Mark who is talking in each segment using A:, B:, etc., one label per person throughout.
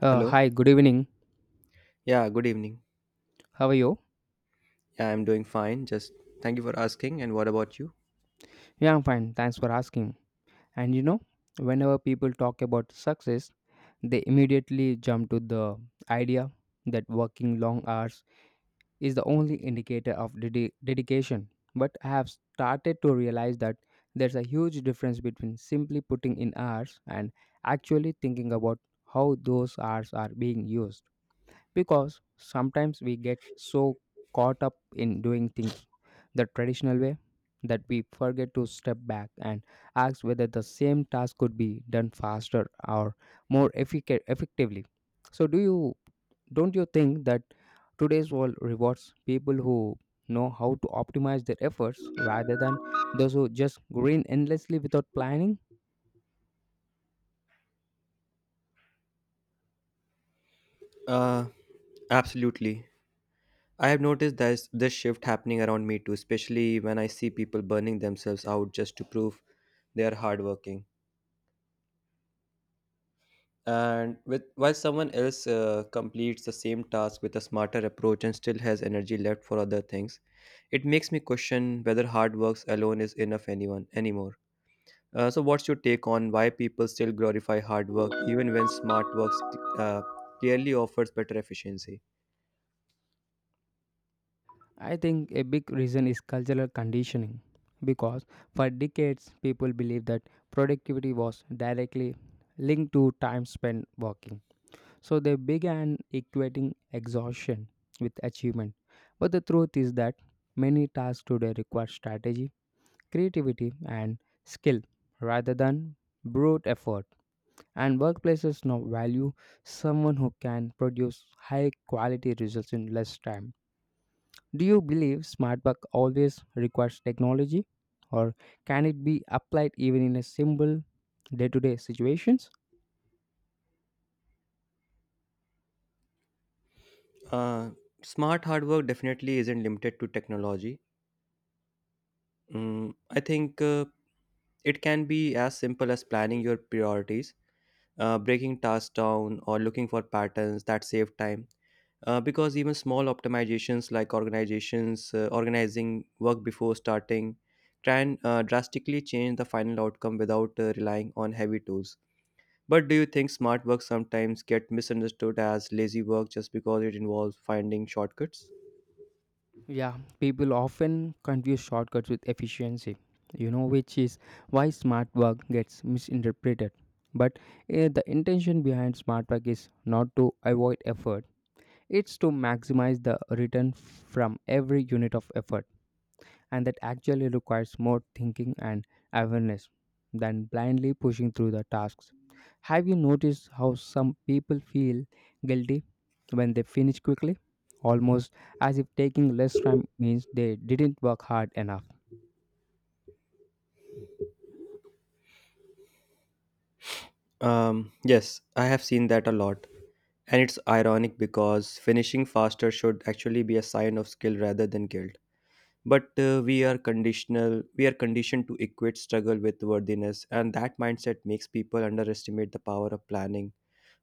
A: Uh,
B: Hello.
A: hi, good evening.
B: Yeah, good evening.
A: How are you?
B: Yeah, I'm doing fine. Just thank you for asking. And what about you?
A: Yeah, I'm fine. Thanks for asking. And you know, whenever people talk about success, they immediately jump to the idea that working long hours is the only indicator of dedication. But I have started to realize that there's a huge difference between simply putting in hours and actually thinking about how those hours are being used. Because sometimes we get so caught up in doing things the traditional way that we forget to step back and ask whether the same task could be done faster or effectively. So do you Don't you think that today's world rewards people who know how to optimize their efforts rather than those who just grin endlessly without planning?
B: Uh, Absolutely. I have noticed this shift happening around me too, especially when I see people burning themselves out just to prove they are hardworking. And with while someone else completes the same task with a smarter approach and still has energy left for other things, it makes me question whether hard works alone is enough anyone anymore. So, what's your take on why people still glorify hard work even when smart works uh, clearly offers better efficiency?
A: I think a big reason is cultural conditioning, because for decades people believed that productivity was directly linked to time spent working. So they began equating exhaustion with achievement. But the truth is that many tasks today require strategy, creativity, and skill rather than brute effort. And workplaces now value someone who can produce high quality results in less time. Do you believe smart work always requires technology, or can it be applied even in a simple day to day situations?
B: Uh, smart hard work definitely isn't limited to technology. Mm, I think it can be as simple as planning your priorities, breaking tasks down, or looking for patterns that save time. Because even small optimizations like organizations organizing work before starting can drastically change the final outcome without relying on heavy tools. But do you think smart work sometimes get misunderstood as lazy work just because it involves finding shortcuts?
A: Yeah, people often confuse shortcuts with efficiency, you know, which is why smart work gets misinterpreted. But the intention behind smart work is not to avoid effort, it's to maximize the return from every unit of effort. And that actually requires more thinking and awareness than blindly pushing through the tasks. Have you noticed how some people feel guilty when they finish quickly? Almost as if taking less time means they didn't work hard enough.
B: Yes, I have seen that a lot. And it's ironic because finishing faster should actually be a sign of skill rather than guilt. But we are conditioned to equate struggle with worthiness, and that mindset makes people underestimate the power of planning,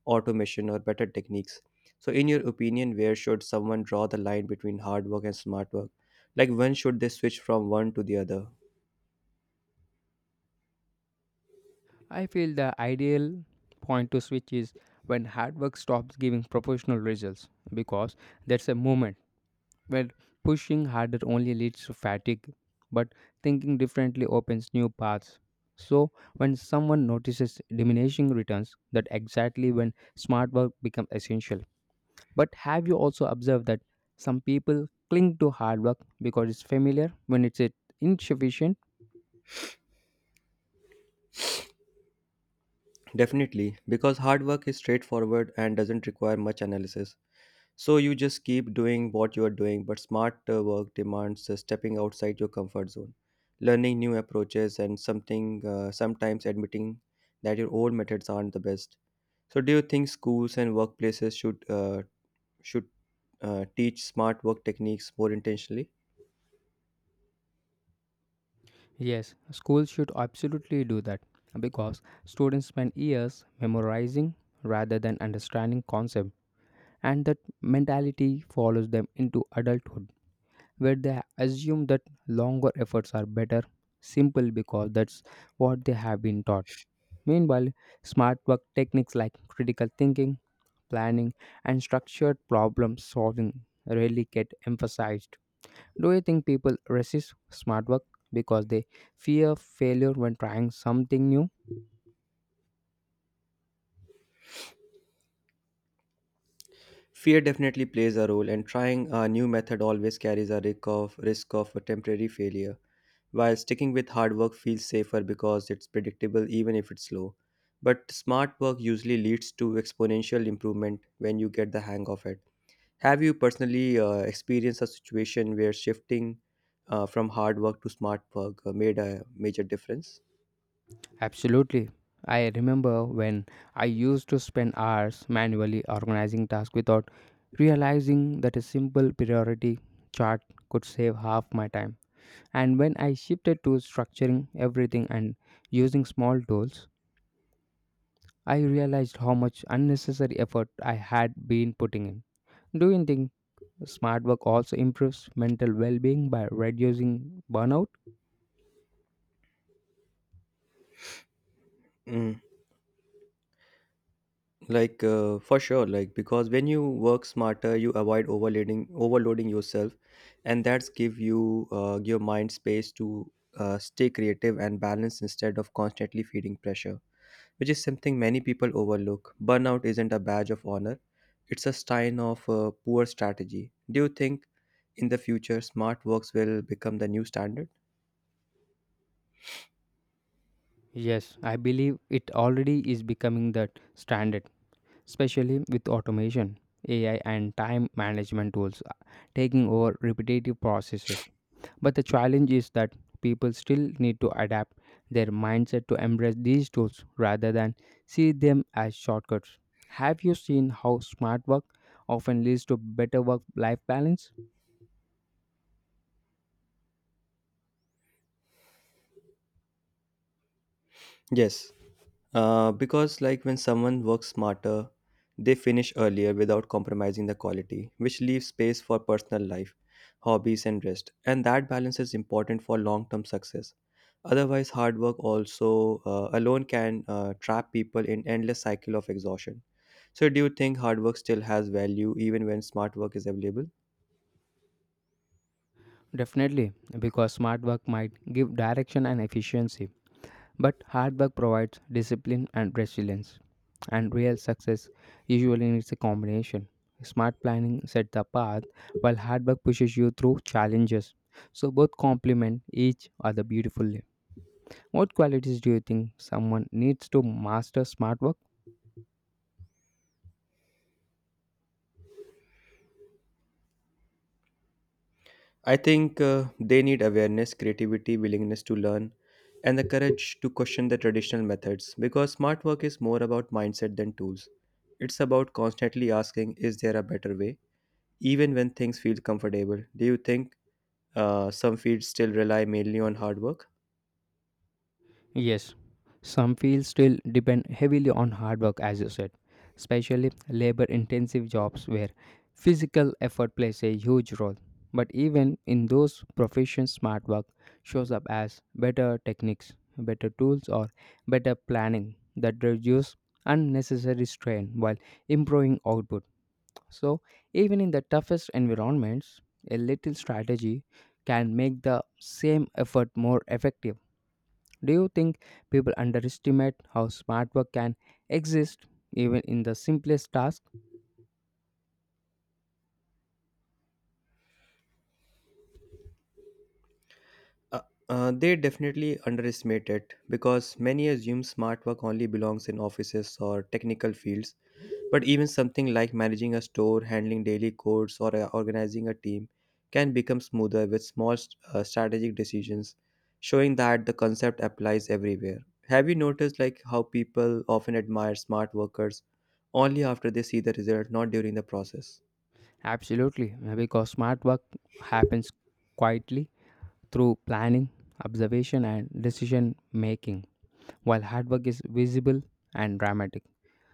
B: automation, or better techniques. So in your opinion, where should someone draw the line between hard work and smart work? Like, when should they switch from one to the other?
A: I feel the ideal point to switch is when hard work stops giving proportional results, because that's a moment where pushing harder only leads to fatigue, but thinking differently opens new paths. So, when someone notices diminishing returns, that exactly when smart work becomes essential. But have you also observed that some people cling to hard work because it's familiar when it's insufficient?
B: Definitely, because hard work is straightforward and doesn't require much analysis. So you just keep doing what you are doing, but smart work demands stepping outside your comfort zone, learning new approaches, and something sometimes admitting that your old methods aren't the best. So do you think schools and workplaces should should teach smart work techniques more intentionally?
A: Yes, schools should absolutely do that because students spend years memorizing rather than understanding concepts, and that mentality follows them into adulthood, where they assume that longer efforts are better simple because that's what they have been taught. Meanwhile, smart work techniques like critical thinking, planning, and structured problem solving rarely get emphasized. Do you think people resist smart work because they fear failure when trying something new?
B: Fear definitely plays a role, and trying a new method always carries a risk of a temporary failure. While sticking with hard work feels safer because it's predictable, even if it's slow. But smart work usually leads to exponential improvement when you get the hang of it. Have you personally experienced a situation where shifting from hard work to smart work made a major difference?
A: Absolutely. I remember when I used to spend hours manually organizing tasks without realizing that a simple priority chart could save half my time. And when I shifted to structuring everything and using small tools, I realized how much unnecessary effort I had been putting in. Do you think smart work also improves mental well being by reducing burnout?
B: Mm. Like, for sure, like, because when you work smarter you avoid overloading yourself, and that's give you your mind space to stay creative and balanced instead of constantly feeding pressure, which is something many people overlook. Burnout isn't a badge of honor, it's a sign of poor strategy. Do you think in the future smart works will become the new standard?
A: Yes, I believe it already is becoming the standard, especially with automation, AI, and time management tools taking over repetitive processes. But the challenge is that people still need to adapt their mindset to embrace these tools rather than see them as shortcuts. Have you seen how smart work often leads to better work life balance?
B: Yes, because, like, when someone works smarter, they finish earlier without compromising the quality, which leaves space for personal life, hobbies, and rest. And that balance is important for long-term success. Otherwise, hard work also alone can trap people in endless cycle of exhaustion. So, do you think hard work still has value even when smart work is available?
A: Definitely, because smart work might give direction and efficiency, but hard work provides discipline and resilience. And real success usually needs a combination. Smart planning sets the path, while hard work pushes you through challenges. So both complement each other beautifully. What qualities do you think someone needs to master smart work?
B: I think they need awareness, creativity, willingness to learn, and the courage to question the traditional methods, because smart work is more about mindset than tools. It's about constantly asking, is there a better way? Even when things feel comfortable, do you think some fields still rely mainly on hard work?
A: Yes, some fields still depend heavily on hard work, as you said, especially labor intensive jobs where physical effort plays a huge role. But even in those professions, smart work shows up as better techniques, better tools, or better planning that reduce unnecessary strain while improving output. So, even in the toughest environments, a little strategy can make the same effort more effective. Do you think people underestimate how smart work can exist even in the simplest task?
B: Uh, they definitely underestimate it because many assume smart work only belongs in offices or technical fields. But even something like managing a store, handling daily chores, or organizing a team can become smoother with small strategic decisions, showing that the concept applies everywhere. Have you noticed, like, how people often admire smart workers only after they see the result, not during the process?
A: Absolutely, because smart work happens quietly through planning, observation, and decision making, while hard work is visible and dramatic.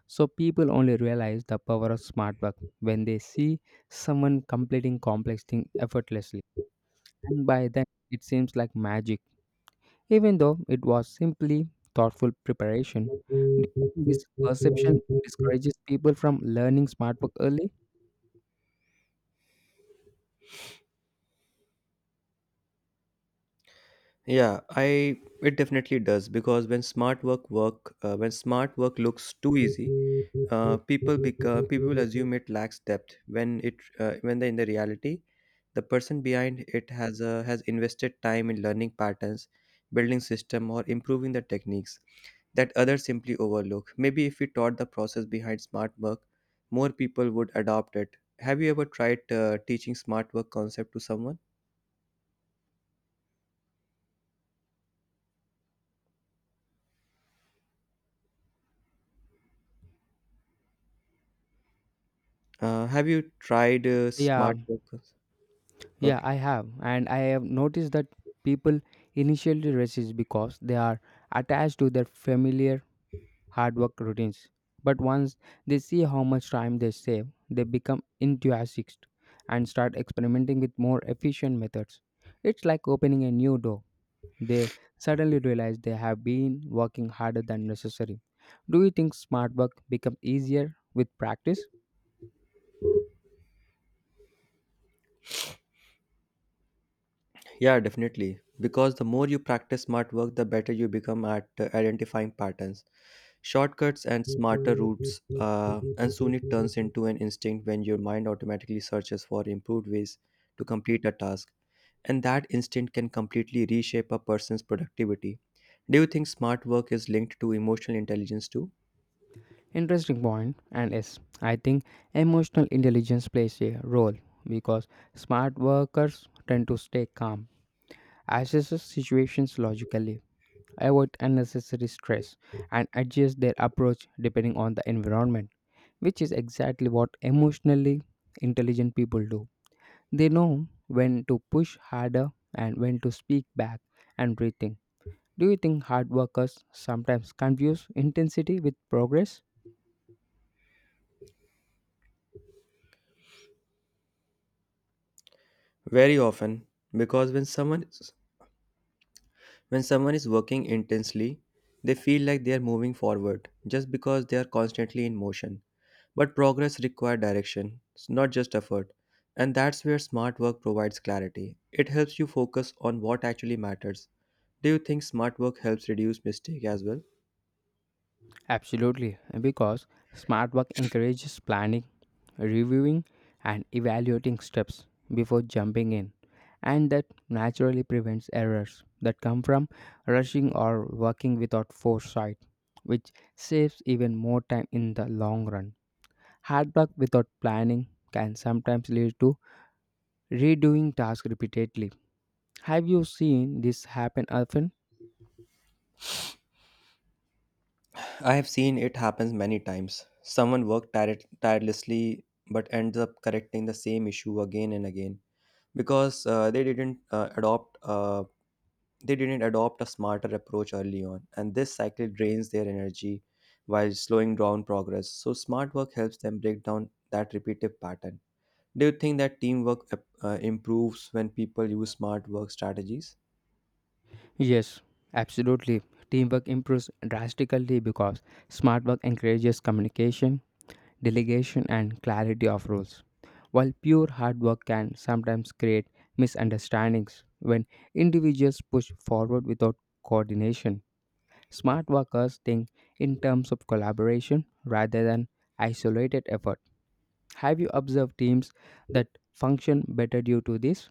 A: So, people only realize the power of smart work when they see someone completing complex things effortlessly, and by then it seems like magic. Even though it was simply thoughtful preparation. Do you think this perception discourages people from learning smart work early?
B: Yeah, I it definitely does because when smart work work when smart work looks too easy, people assume it lacks depth when it when in the reality the person behind it has invested time in learning patterns, building system, or improving the techniques that others simply overlook. Maybe if we taught the process behind smart work, more people would adopt it. Have you ever tried teaching smart work concept to someone? Have you tried
A: Yeah, yeah,
B: okay
A: I have, and I have noticed that people initially resist because they are attached to their familiar hard work routines. But once they see how much time they save, they become enthusiastic and start experimenting with more efficient methods. It's like opening a new door. They suddenly realize they have been working harder than necessary. Do you think smart work becomes easier with practice?
B: yeah definitely because the more you practice smart work, the better you become at identifying patterns, shortcuts, and smarter routes, and soon it turns into an instinct when your mind automatically searches for improved ways to complete a task. And that instinct can completely reshape a person's productivity. Do you think smart work is linked to emotional intelligence too?
A: Interesting point, and yes, I think emotional intelligence plays a role because smart workers tend to stay calm, assess situations logically, avoid unnecessary stress, and adjust their approach depending on the environment. Which is exactly what emotionally intelligent people do. They know when to push harder and when to speak back and rethink. Do you think hard workers sometimes confuse intensity with progress?
B: Very often, because when someone is working intensely, they feel like they are moving forward just because they are constantly in motion. But progress requires direction, it's not just effort. And that's where smart work provides clarity. It helps you focus on what actually matters. Do you think smart work helps reduce mistake as well?
A: Absolutely, because smart work encourages planning, reviewing, and evaluating steps before jumping in, and that naturally prevents errors that come from rushing or working without foresight, which saves even more time in the long run. Hard work without planning can sometimes lead to redoing tasks repeatedly. Have you seen this happen often?
B: I have seen it happens many times. Someone worked tirelessly but ends up correcting the same issue again and again because they didn't adopt a smarter approach early on, and this cycle drains their energy while slowing down progress. So, smart work helps them break down that repetitive pattern. Do you think that teamwork improves when people use smart work strategies?
A: Yes, absolutely. Teamwork improves drastically because smart work encourages communication, delegation, and clarity of roles. While pure hard work can sometimes create misunderstandings when individuals push forward without coordination, smart workers think in terms of collaboration rather than isolated effort. Have you observed teams that function better due to this?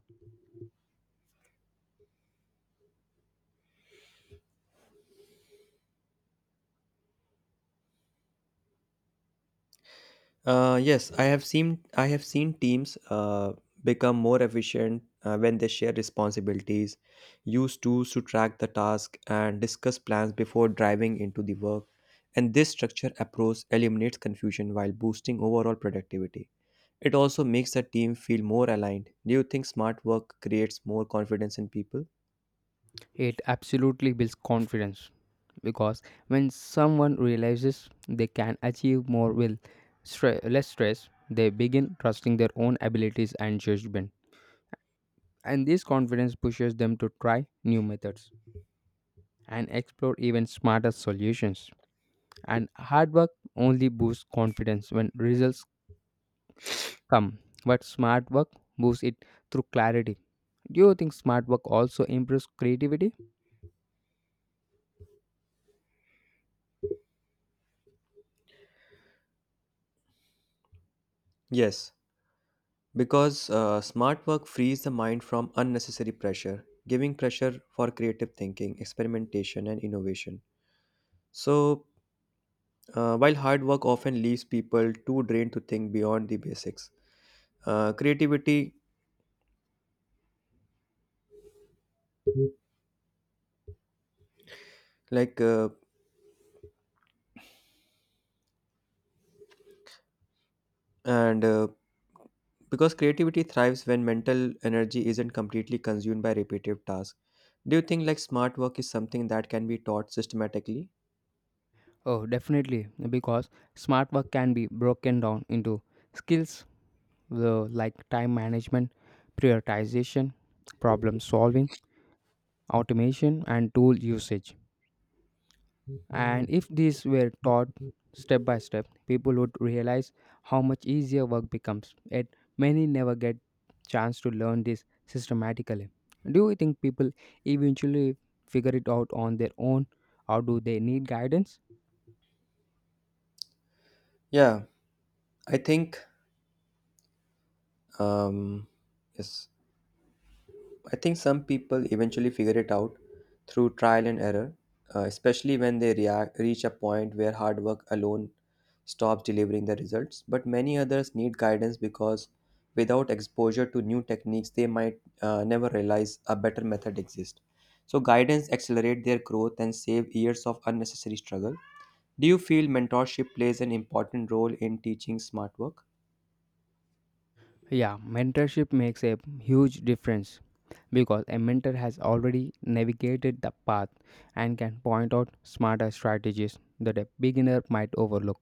B: Yes, I have seen teams become more efficient when they share responsibilities, use tools to track the task, and discuss plans before driving into the work. And this structure approach eliminates confusion while boosting overall productivity. It also makes the team feel more aligned. Do you think smart work creates more confidence in people?
A: It absolutely builds confidence because when someone realizes they can achieve more with less stress, they begin trusting their own abilities and judgment. And this confidence pushes them to try new methods and explore even smarter solutions. And hard work only boosts confidence when results come, but smart work moves it through clarity. Do you think smart work also improves creativity?
B: Yes, because smart work frees the mind from unnecessary pressure, giving pressure for creative thinking, experimentation, and innovation. So, while hard work often leaves people too drained to think beyond the basics, creativity, like, and because creativity thrives when mental energy isn't completely consumed by repetitive tasks. Do you think, like, smart work is something that can be taught systematically?
A: Oh, definitely, because smart work can be broken down into skills like time management, prioritization, problem solving, automation, and tool usage. And if these were taught step by step, people would realize how much easier work becomes. Yet many never get chance to learn this systematically. Do you think people eventually figure it out on their own or do they need guidance?
B: Yeah, I think um, yes. I think some people eventually figure it out through trial and error, especially when reach a point where hard work alone stops delivering the results. But many others need guidance because without exposure to new techniques, they might never realize a better method exists. So, guidance accelerates their growth and save years of unnecessary struggle. Do you feel mentorship plays an important role in teaching smart work?
A: Yeah, mentorship makes a huge difference because a mentor has already navigated the path and can point out smarter strategies that a beginner might overlook.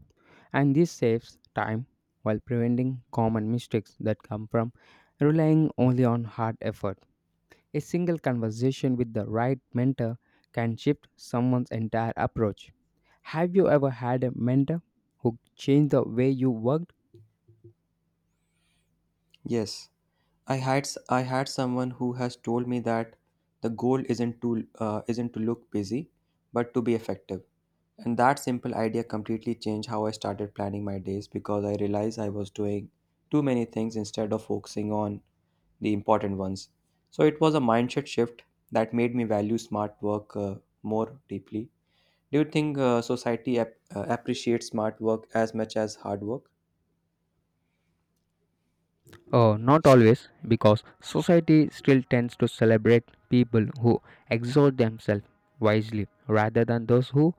A: And this saves time while preventing common mistakes that come from relying only on hard effort. A single conversation with the right mentor can shift someone's entire approach. Have you ever had a mentor who changed the way you worked?
B: Yes. I had someone who has told me that the goal isn't to look busy, but to be effective. And that simple idea completely changed how I started planning my days, because I realized I was doing too many things instead of focusing on the important ones. So it was a mindset shift that made me value smart work more deeply. Do you think society appreciates smart work as much as hard work?
A: Not always, because society still tends to celebrate people who exert themselves wisely rather than those who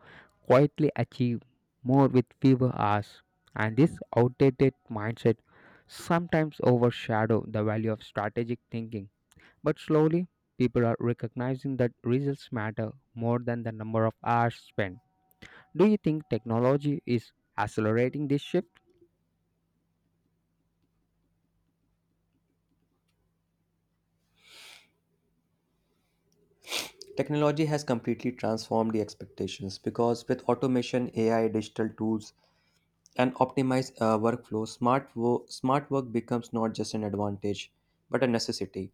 A: quietly achieve more with fewer hours. And this outdated mindset sometimes overshadow the value of strategic thinking. But slowly, people are recognizing that results matter more than the number of hours spent. Do you think technology is accelerating this shift?
B: Technology has completely transformed the expectations because with automation, AI, digital tools, and optimized workflow, smart work becomes not just an advantage but a necessity.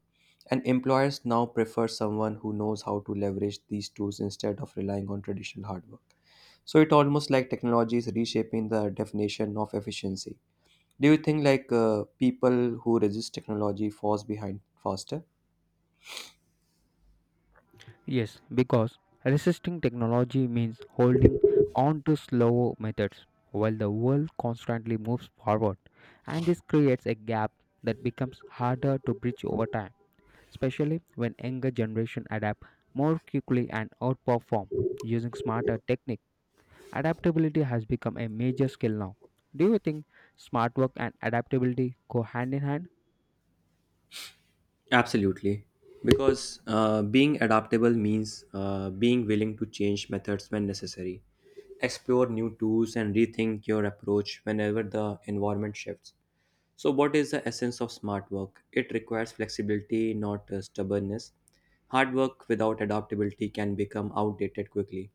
B: And employers now prefer someone who knows how to leverage these tools instead of relying on traditional hard work. So it almost like technology is reshaping the definition of efficiency. Do you think, like, people who resist technology falls behind faster?
A: Yes, because resisting technology means holding on to slow methods while the world constantly moves forward, and this creates a gap that becomes harder to bridge over time, especially when younger generation adapt more quickly and outperform using smarter technique. Adaptability has become a major skill now. Do you think smart work and adaptability go hand in hand?
B: Absolutely. Because being adaptable means being willing to change methods when necessary, explore new tools, and rethink your approach whenever the environment shifts. So, what is the essence of smart work? It requires flexibility, not stubbornness. Hard work without adaptability can become outdated quickly.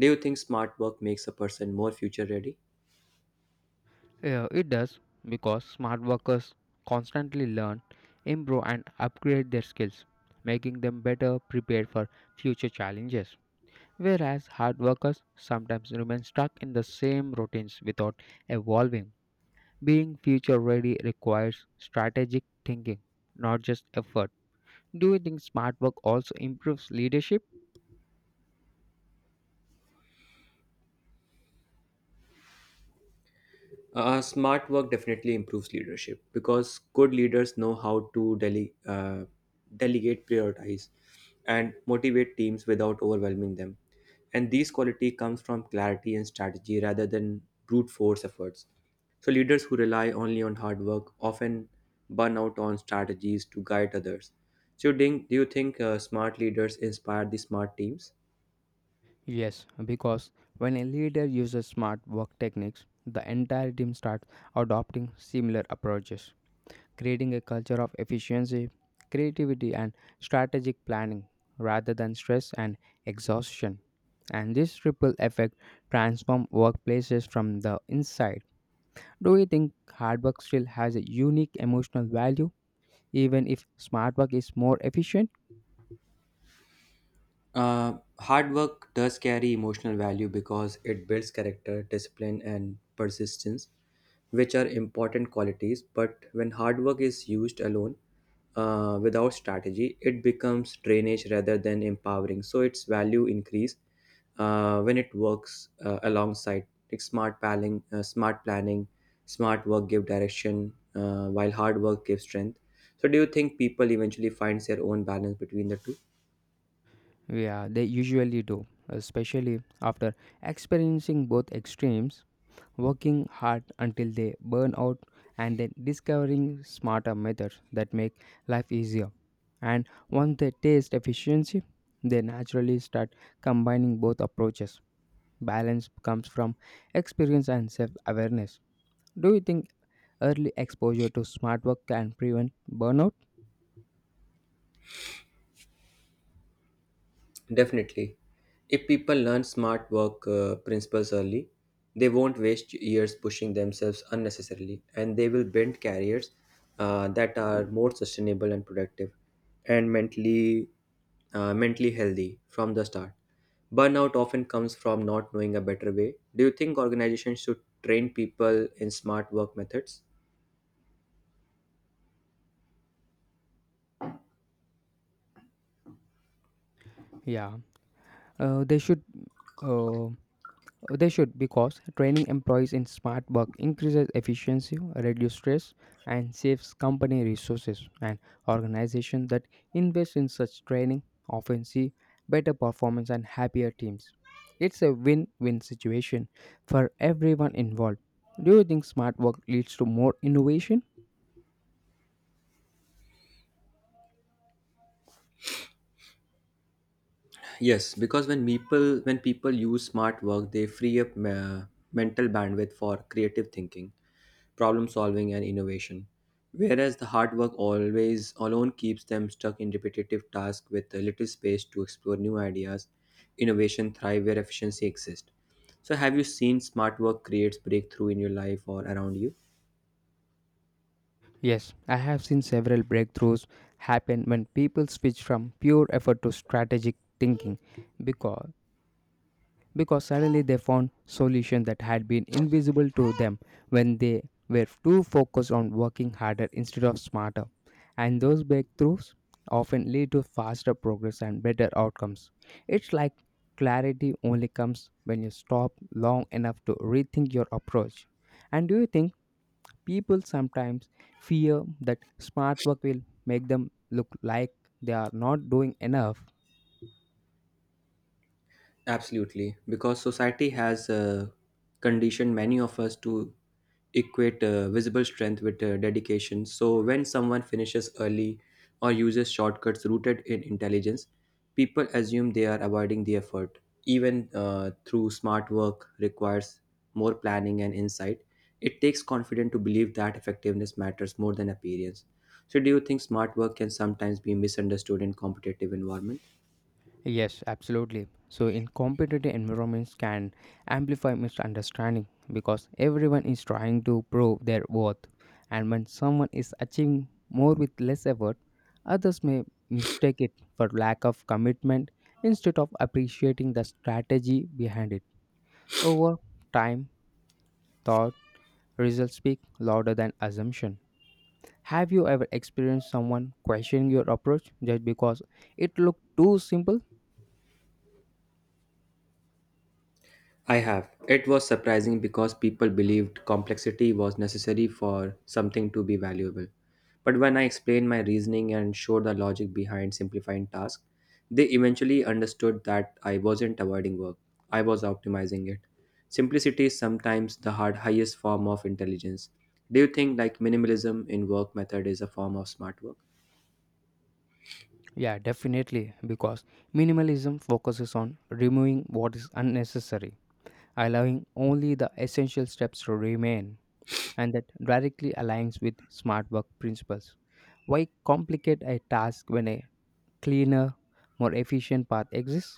B: Do you think smart work makes a person more future ready?
A: Yeah, it does because smart workers constantly learn, improve, and upgrade their skills, making them better prepared for future challenges. Whereas hard workers sometimes remain stuck in the same routines without evolving. Being future ready requires strategic thinking, not just effort. Do you think smart work also improves leadership?
B: Smart work definitely improves leadership because good leaders know how to delegate, prioritize, and motivate teams without overwhelming them. And these quality comes from clarity and strategy rather than brute force efforts. So leaders who rely only on hard work often burn out on strategies to guide others. So do you think, smart leaders inspire the smart teams?
A: Yes, because when a leader uses smart work techniques, the entire team starts adopting similar approaches. Creating a culture of efficiency, creativity, and strategic planning rather than stress and exhaustion. And this ripple effect transforms workplaces from the inside. Do you think hard work still has a unique emotional value, even if smart work is more efficient?
B: Hard work does carry emotional value because it builds character, discipline, and persistence, which are important qualities. But when hard work is used alone, without strategy, it becomes drainage rather than empowering. So its value increase when it works alongside, like, smart planning, smart work give direction, while hard work gives strength. So do you think people eventually finds their own balance between the two?
A: Yeah, they usually do, especially after experiencing both extremes, working hard until they burn out and then discovering smarter methods that make life easier. And once they taste efficiency, they naturally start combining both approaches. Balance comes from experience and self awareness. Do you think early exposure to smart work can prevent burnout?
B: Definitely. If people learn smart work principles early, they won't waste years pushing themselves unnecessarily, and they will build careers that are more sustainable and productive and mentally healthy from the start. Burnout often comes from not knowing a better way. Do you think organizations should train people in smart work methods?
A: Yeah, they should. Uh, They should because training employees in smart work increases efficiency, reduces stress, and saves company resources. And organizations that invest in such training often see better performance and happier teams. It's a win win situation for everyone involved. Do you think smart work leads to more innovation?
B: Yes, because when people use smart work, they free up mental bandwidth for creative thinking, problem solving, and innovation. Whereas the hard work always alone keeps them stuck in repetitive tasks with a little space to explore new ideas. Innovation thrive where efficiency exists. So, have you seen smart work creates breakthrough in your life or around you?
A: Yes, I have seen several breakthroughs happen when people switch from pure effort to strategic thinking because suddenly they found solutions that had been invisible to them when they were too focused on working harder instead of smarter. And those breakthroughs often lead to faster progress and better outcomes. It's like clarity only comes when you stop long enough to rethink your approach. And do you think people sometimes fear that smart work will make them look like they are not doing enough?
B: Absolutely, because society has conditioned many of us to equate visible strength with dedication. So, when someone finishes early or uses shortcuts rooted in intelligence, people assume they are avoiding the effort. Even through smart work requires more planning and insight. It takes confidence to believe that effectiveness matters more than appearance. So, do you think smart work can sometimes be misunderstood in competitive environment?
A: Yes, absolutely. So, in competitive environments, can amplify misunderstanding because everyone is trying to prove their worth, and when someone is achieving more with less effort, others may mistake it for lack of commitment instead of appreciating the strategy behind it. Over time, thought results speak louder than assumption. Have you ever experienced someone questioning your approach just because it looked too simple?
B: I have. It was surprising because people believed complexity was necessary for something to be valuable. But when I explained my reasoning and showed the logic behind simplifying tasks, they eventually understood that I wasn't avoiding work, I was optimizing it. Simplicity is sometimes highest form of intelligence. Do you think, like, minimalism in work method is a form of smart work?
A: Yeah, definitely, because minimalism focuses on removing what is unnecessary, allowing only the essential steps to remain, and that directly aligns with smart work principles. Why complicate a task when a cleaner, more efficient path exists?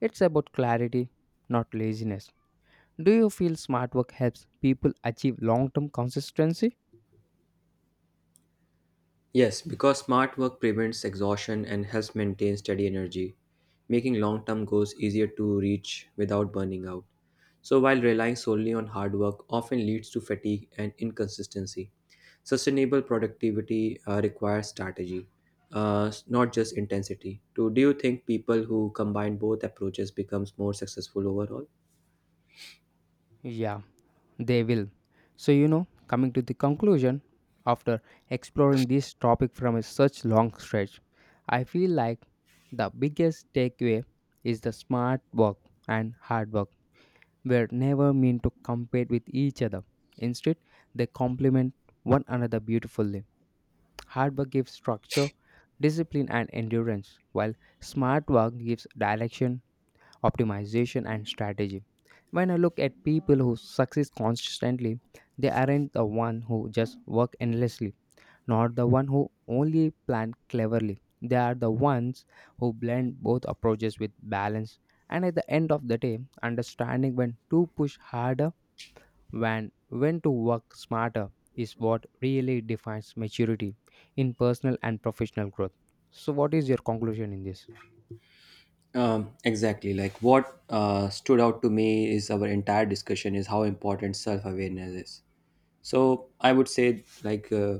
A: It's about clarity, not laziness. Do you feel smart work helps people achieve long term consistency?
B: Yes, because smart work prevents exhaustion and helps maintain steady energy, making long term goals easier to reach without burning out. So, while relying solely on hard work often leads to fatigue and inconsistency, sustainable productivity requires strategy, not just intensity. So, do you think people who combine both approaches becomes more successful overall?
A: Yeah, they will. So, you know, coming to the conclusion, after exploring this topic from a such long stretch, I feel like the biggest takeaway is the smart work and hard work were never meant to compete with each other. Instead, they complement one another beautifully. Hard work gives structure, discipline, and endurance, while smart work gives direction, optimization, and strategy. When I look at people who succeed constantly, they aren't the one who just work endlessly, nor the one who only plan cleverly. They are the ones who blend both approaches with balance, and at the end of the day, understanding when to push harder, when to work smarter, is what really defines maturity in personal and professional growth. So what is your conclusion in this?
B: Exactly. Like, what stood out to me is our entire discussion is how important self awareness is. So I would say, like,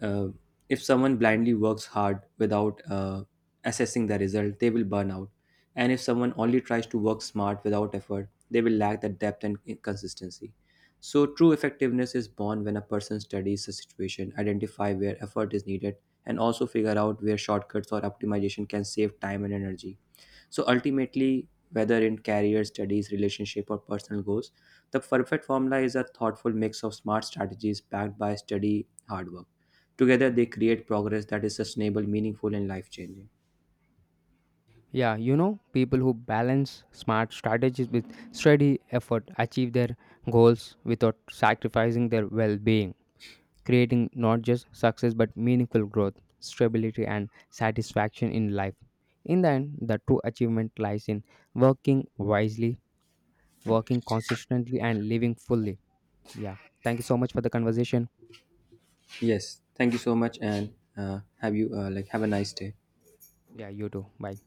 B: uh, if someone blindly works hard without assessing the result, they will burn out. And if someone only tries to work smart without effort, they will lack the depth and consistency. So, true effectiveness is born when a person studies the situation, identify where effort is needed, and also figure out where shortcuts or optimization can save time and energy. So, ultimately, whether in career, studies, relationship, or personal goals, the perfect formula is a thoughtful mix of smart strategies backed by steady hard work. Together, they create progress that is sustainable, meaningful, and life changing.
A: Yeah, you know, people who balance smart strategies with steady effort achieve their goals without sacrificing their well-being, creating not just success but meaningful growth, stability and satisfaction in life. In the end, the true achievement lies in working wisely, working consistently and living fully. Yeah. Thank you so much for the conversation.
B: Yes, thank you so much, and have you like have a nice day.
A: Yeah, you too. Bye.